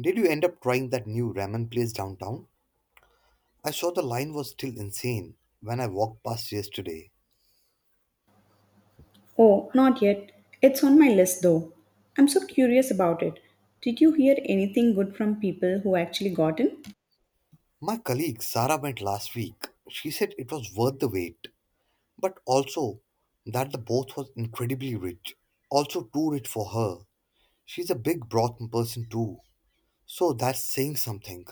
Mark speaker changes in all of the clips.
Speaker 1: Did you end up trying that new ramen place downtown? I saw the line was still insane when I walked past yesterday.
Speaker 2: Oh, not yet. It's on my list though. I'm so curious about it. Did you hear anything good from people who actually got in?
Speaker 1: My colleague Sarah went last week. She said it was worth the wait, but also that the broth was incredibly rich. Also, too rich for her. She's a big broth person too, so that's saying something.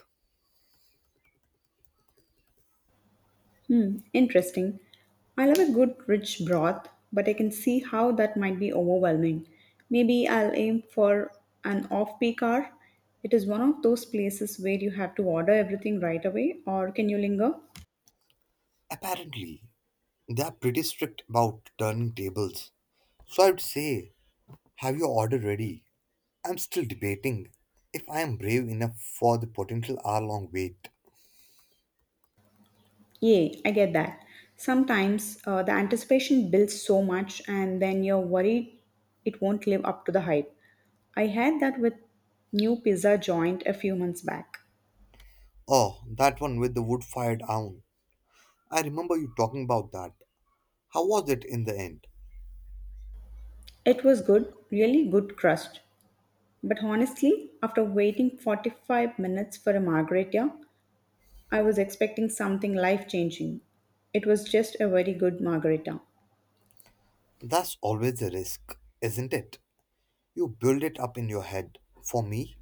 Speaker 2: Hmm, interesting. I love a good rich broth, but I can see how that might be overwhelming. Maybe I'll aim for an off peak hour. It is one of those places where you have to order everything right away, or can you linger?
Speaker 1: Apparently, they are pretty strict about turning tables. So I'd say, have your order ready. I'm still debating if I am brave enough for the potential hour long wait.
Speaker 2: Yeah, I get that. Sometimes the anticipation builds so much, and then you're worried it won't live up to the hype. I had that with new pizza joint a few months back.
Speaker 1: Oh, that one with the wood fired oven. I remember you talking about that. How was it in the end?
Speaker 2: It was good, really good crust. But honestly, after waiting 45 minutes for a margarita, I was expecting something life changing. It was just a very good margarita.
Speaker 1: That's always a risk, isn't it? You build it up in your head. For me,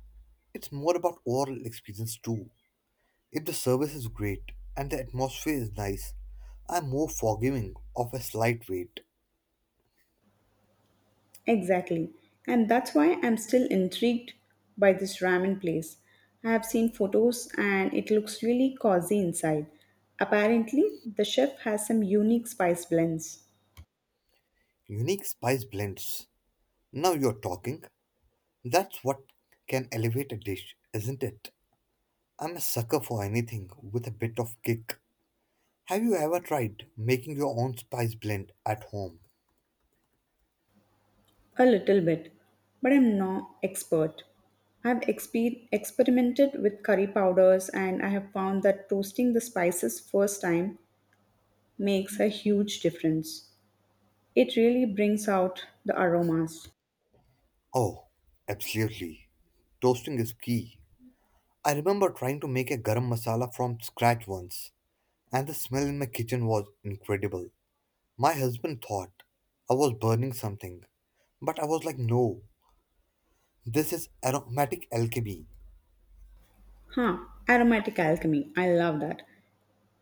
Speaker 1: it's more about overall experience too. If the service is great and the atmosphere is nice, I'm more forgiving of a slight wait.
Speaker 2: Exactly. And that's why I'm still intrigued by this ramen place. I have seen photos and it looks really cozy inside. Apparently, the chef has some unique spice blends.
Speaker 1: Unique spice blends. Now you're talking. That's what can elevate a dish, isn't it? I'm a sucker for anything with a bit of kick. Have you ever tried making your own spice blend at home?
Speaker 2: A little bit, but I'm no expert. Experimented with curry powders and I have found that toasting the spices first time makes a huge difference. It really brings out the aromas.
Speaker 1: Oh, absolutely. Toasting is key. I remember trying to make a garam masala from scratch once, and the smell in my kitchen was incredible. My husband thought I was burning something, but I was like, no, this is aromatic alchemy.
Speaker 2: Huh, aromatic alchemy. I love that.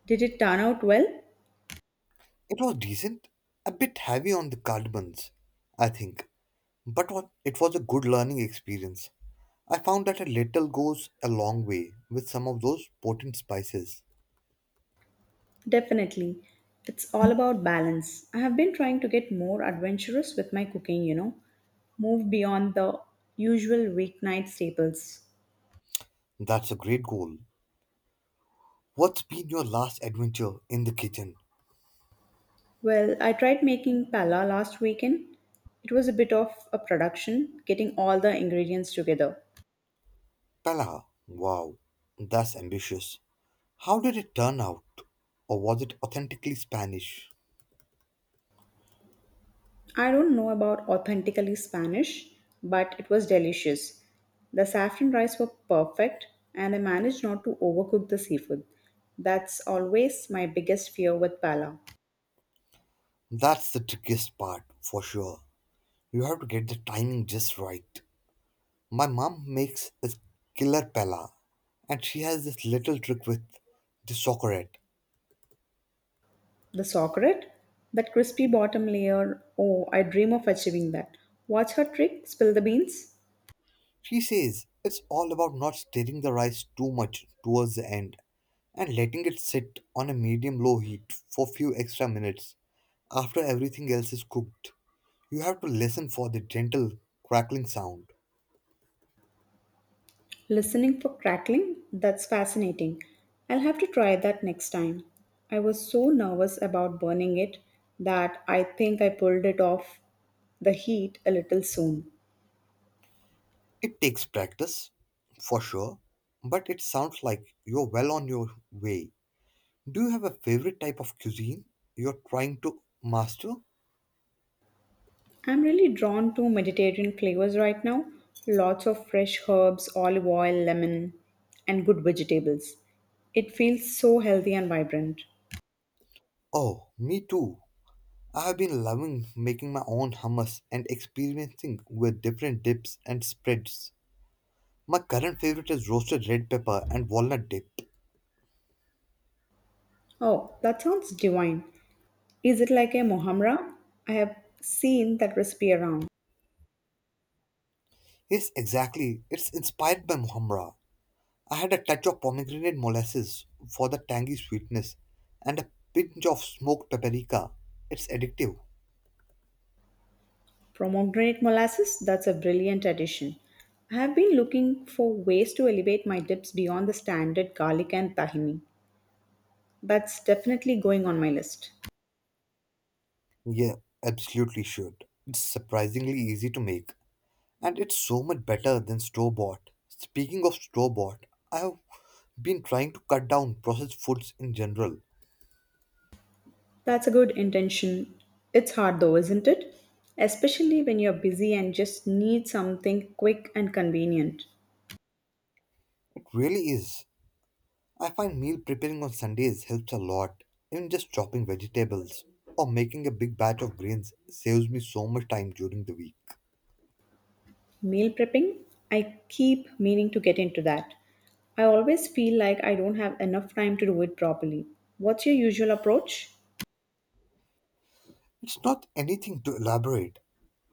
Speaker 2: Did it turn out well?
Speaker 1: It was decent, a bit heavy on the cardamons, I think, but it was a good learning experience. I found that a little goes a long way with some of those potent spices.
Speaker 2: Definitely. It's all about balance. I have been trying to get more adventurous with my cooking, you know, move beyond the usual weeknight staples.
Speaker 1: That's a great goal. What's been your last adventure in the kitchen?
Speaker 2: Well, I tried making pala last weekend. It was a bit of a production, getting all the ingredients together.
Speaker 1: Pella, wow, that's ambitious. How did it turn out? Or was it authentically Spanish?
Speaker 2: I don't know about authentically Spanish, but it was delicious. The saffron rice were perfect, and I managed not to overcook the seafood. That's always my biggest fear with pala.
Speaker 1: That's the trickiest part, for sure. You have to get the timing just right. My mom makes a killer pella, and she has this little trick with the socorette.
Speaker 2: The sauerkraut, that crispy bottom layer. Oh, I dream of achieving that. What's her trick? Spill the beans?
Speaker 1: She says it's all about not stirring the rice too much towards the end and letting it sit on a medium low heat for few extra minutes after everything else is cooked. You have to listen for the gentle crackling sound.
Speaker 2: Listening for crackling? That's fascinating. I'll have to try that next time. I was so nervous about burning it that I think I pulled it off the heat a little soon.
Speaker 1: It takes practice, for sure, but it sounds like you're well on your way. Do you have a favorite type of cuisine you're trying to master?
Speaker 2: I'm really drawn to Mediterranean flavors right now. Lots of fresh herbs, olive oil, lemon, and good vegetables. It feels so healthy and vibrant.
Speaker 1: Oh, me too. I have been loving making my own hummus and experimenting with different dips and spreads. My current favorite is roasted red pepper and walnut dip.
Speaker 2: Oh, that sounds divine. Is it like a mohamra? I have seen that recipe around.
Speaker 1: Yes, exactly. It's inspired by Muhamra. I had a touch of pomegranate molasses for the tangy sweetness and a pinch of smoked paprika. It's addictive.
Speaker 2: Pomegranate molasses, that's a brilliant addition. I have been looking for ways to elevate my dips beyond the standard garlic and tahini. That's definitely going on my list.
Speaker 1: Yeah, absolutely should. It's surprisingly easy to make, and it's so much better than store bought. Speaking of store bought, I've been trying to cut down processed foods in general.
Speaker 2: That's a good intention. It's hard though, isn't it? Especially when you're busy and just need something quick and convenient.
Speaker 1: It really is. I find meal preparing on Sundays helps a lot. Even just chopping vegetables or making a big batch of grains saves me so much time during the week.
Speaker 2: Meal prepping, I keep meaning to get into that. I always feel like I don't have enough time to do it properly. What's your usual approach?
Speaker 1: It's not anything to elaborate.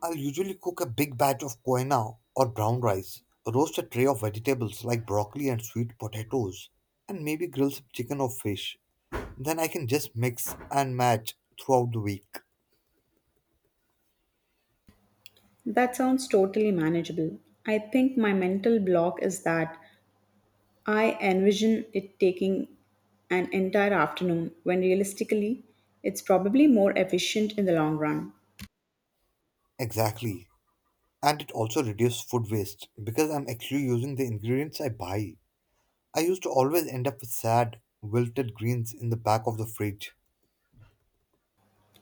Speaker 1: I'll usually cook a big batch of koina or brown rice, roast a tray of vegetables like broccoli and sweet potatoes, and maybe grill some chicken or fish. Then I can just mix and match throughout the week.
Speaker 2: That sounds totally manageable. I think my mental block is that I envision it taking an entire afternoon when realistically it's probably more efficient in the long run.
Speaker 1: Exactly. And it also reduces food waste because I'm actually using the ingredients I buy. I used to always end up with sad, wilted greens in the back of the fridge.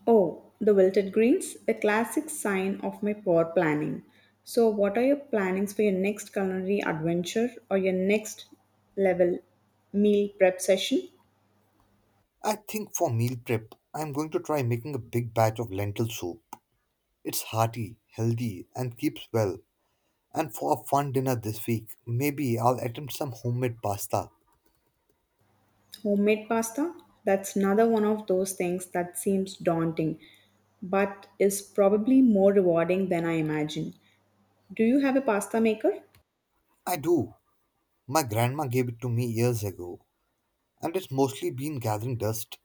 Speaker 2: Oh, the wilted greens, the classic sign of my poor planning. So, what are your plannings for your next culinary adventure or your next level meal prep session?
Speaker 1: I think for meal prep, I'm going to try making a big batch of lentil soup. It's hearty, healthy, and keeps well. And for a fun dinner this week, maybe I'll attempt some homemade pasta.
Speaker 2: Homemade pasta, that's another one of those things that seems daunting, but is probably more rewarding than I imagine. Do you have a pasta maker?
Speaker 1: I do. My grandma gave it to me years ago, and it's mostly been gathering dust.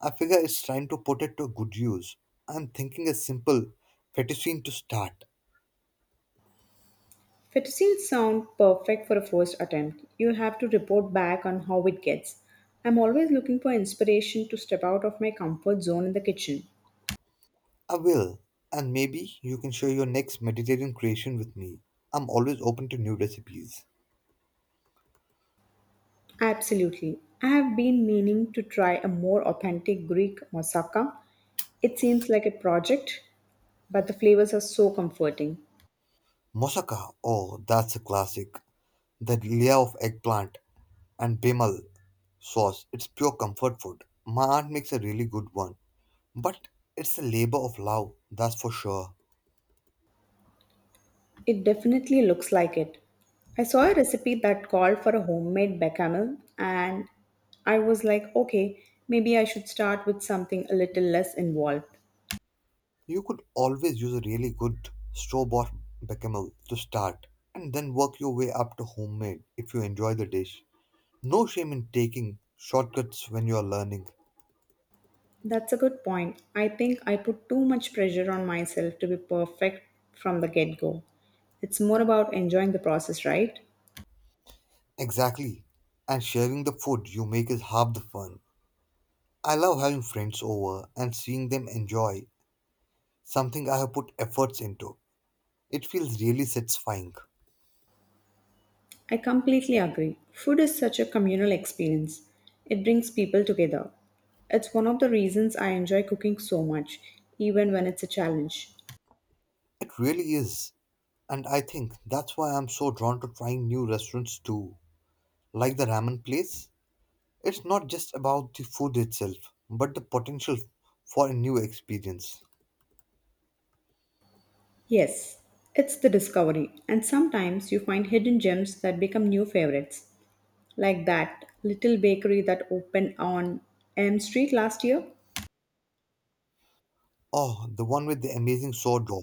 Speaker 1: I figure it's time to put it to good use. I'm thinking a simple fettuccine to start.
Speaker 2: Fettuccine sound perfect for a first attempt. You'll have to report back on how it gets. I'm always looking for inspiration to step out of my comfort zone in the kitchen.
Speaker 1: I will, and maybe you can share your next Mediterranean creation with me. I'm always open to new recipes.
Speaker 2: Absolutely. I have been meaning to try a more authentic Greek moussaka. It seems like a project, but the flavors are so comforting.
Speaker 1: Moussaka, oh, that's a classic. The layer of eggplant and bimal sauce, it's pure comfort food. My aunt makes a really good one, but it's a labor of love, that's for sure.
Speaker 2: It definitely looks like it. I saw a recipe that called for a homemade bechamel, and I was like, okay, maybe I should start with something a little less involved.
Speaker 1: You could always use a really good store bought bechamel to start, and then work your way up to homemade if you enjoy the dish. No shame in taking shortcuts when you are learning.
Speaker 2: That's a good point. I think I put too much pressure on myself to be perfect from the get go. It's more about enjoying the process, right?
Speaker 1: Exactly. And sharing the food you make is half the fun. I love having friends over and seeing them enjoy something I have put efforts into. It feels really satisfying.
Speaker 2: I completely agree. Food is such a communal experience, it brings people together. It's one of the reasons I enjoy cooking so much, even when it's a challenge.
Speaker 1: It really is. And I think that's why I'm so drawn to trying new restaurants too. Like the ramen place, it's not just about the food itself, but the potential for a new experience.
Speaker 2: Yes, it's the discovery, and sometimes you find hidden gems that become new favorites, like that little bakery that opened on M Street last year.
Speaker 1: Oh, the one with the amazing sourdough.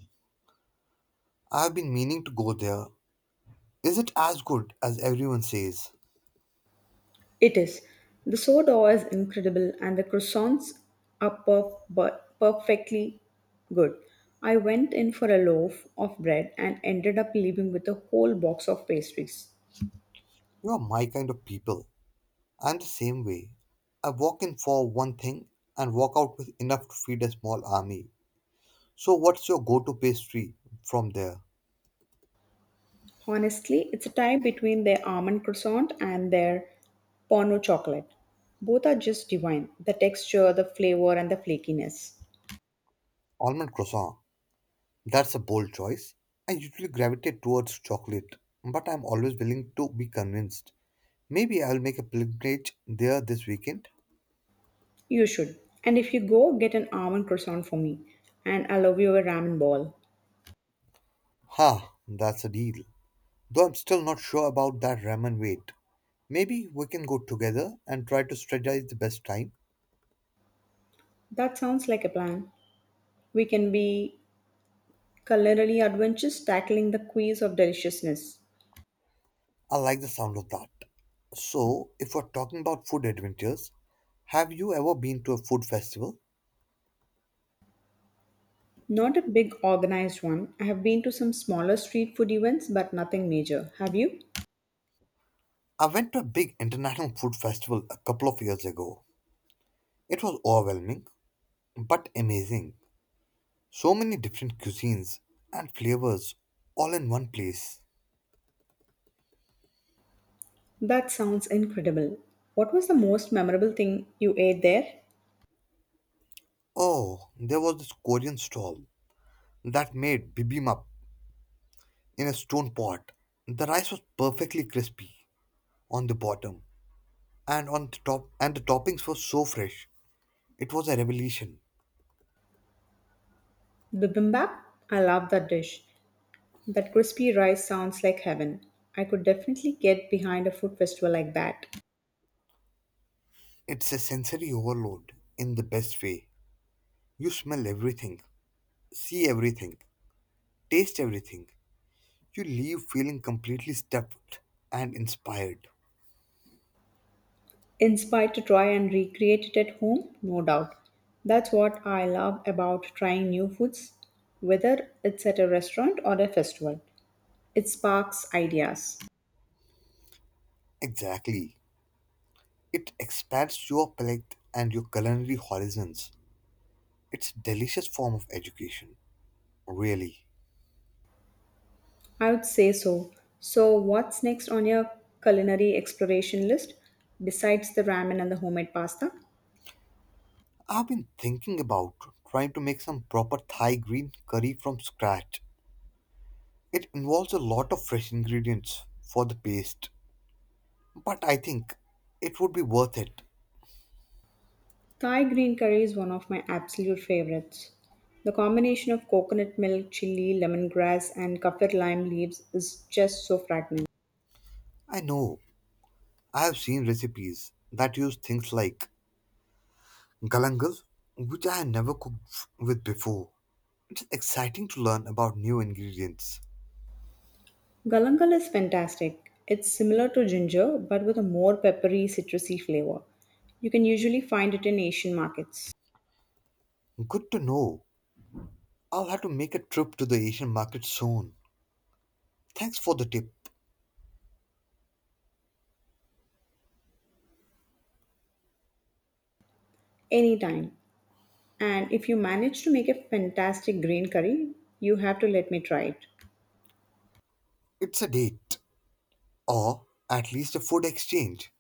Speaker 1: I've been meaning to go there. Is it as good as everyone says?
Speaker 2: It is. The sourdough is incredible, and the croissants are perfectly good. I went in for a loaf of bread and ended up leaving with a whole box of pastries.
Speaker 1: You are my kind of people. I'm the same way. I walk in for one thing and walk out with enough to feed a small army. So, what's your go to pastry from there?
Speaker 2: Honestly, it's a tie between their almond croissant and their porno chocolate. Both are just divine. The texture, the flavor, and the flakiness.
Speaker 1: Almond croissant. That's a bold choice. I usually gravitate towards chocolate, but I'm always willing to be convinced. Maybe I'll make a pilgrimage there this weekend.
Speaker 2: You should. And if you go, get an almond croissant for me. And I'll love you a ramen ball.
Speaker 1: Ha, that's a deal. Though I'm still not sure about that ramen wait. Maybe we can go together and try to strategize the best time.
Speaker 2: That sounds like a plan. We can be culinary adventures tackling the quiz of deliciousness.
Speaker 1: I like the sound of that. So, if we're talking about food adventures, have you ever been to a food festival?
Speaker 2: Not a big organized one. I have been to some smaller street food events, but nothing major. Have you?
Speaker 1: I went to a big international food festival a couple of years ago. It was overwhelming, but amazing. So many different cuisines and flavors all in one place.
Speaker 2: That sounds incredible. What was the most memorable thing you ate there?
Speaker 1: Oh, there was this Korean stall that made bibimbap in a stone pot. The rice was perfectly crispy on the bottom and on the top, and the toppings were so fresh. It was a revelation.
Speaker 2: Bibimbap? I love that dish. That crispy rice sounds like heaven. I could definitely get behind a food festival like that.
Speaker 1: It's a sensory overload in the best way. You smell everything, see everything, taste everything. You leave feeling completely stuffed and inspired.
Speaker 2: Inspired to try and recreate it at home? No doubt. That's what I love about trying new foods, whether it's at a restaurant or a festival. It sparks ideas.
Speaker 1: Exactly. It expands your palate and your culinary horizons. It's a delicious form of education, really.
Speaker 2: I would say so. So, what's next on your culinary exploration list besides the ramen and the homemade pasta?
Speaker 1: I've been thinking about trying to make some proper Thai green curry from scratch. It involves a lot of fresh ingredients for the paste, but I think it would be worth it.
Speaker 2: Thai green curry is one of my absolute favorites. The combination of coconut milk, chili, lemongrass, and kaffir lime leaves is just so fragrant.
Speaker 1: I know I have seen recipes that use things like galangal, which I had never cooked with before. It's exciting to learn about new ingredients.
Speaker 2: Galangal is fantastic. It's similar to ginger but with a more peppery, citrusy flavor. You can usually find it in Asian markets.
Speaker 1: Good to know. I'll have to make a trip to the Asian market soon. Thanks for the tip.
Speaker 2: Anytime. And if you manage to make a fantastic green curry, you have to let me try it.
Speaker 1: It's a date, or at least a food exchange.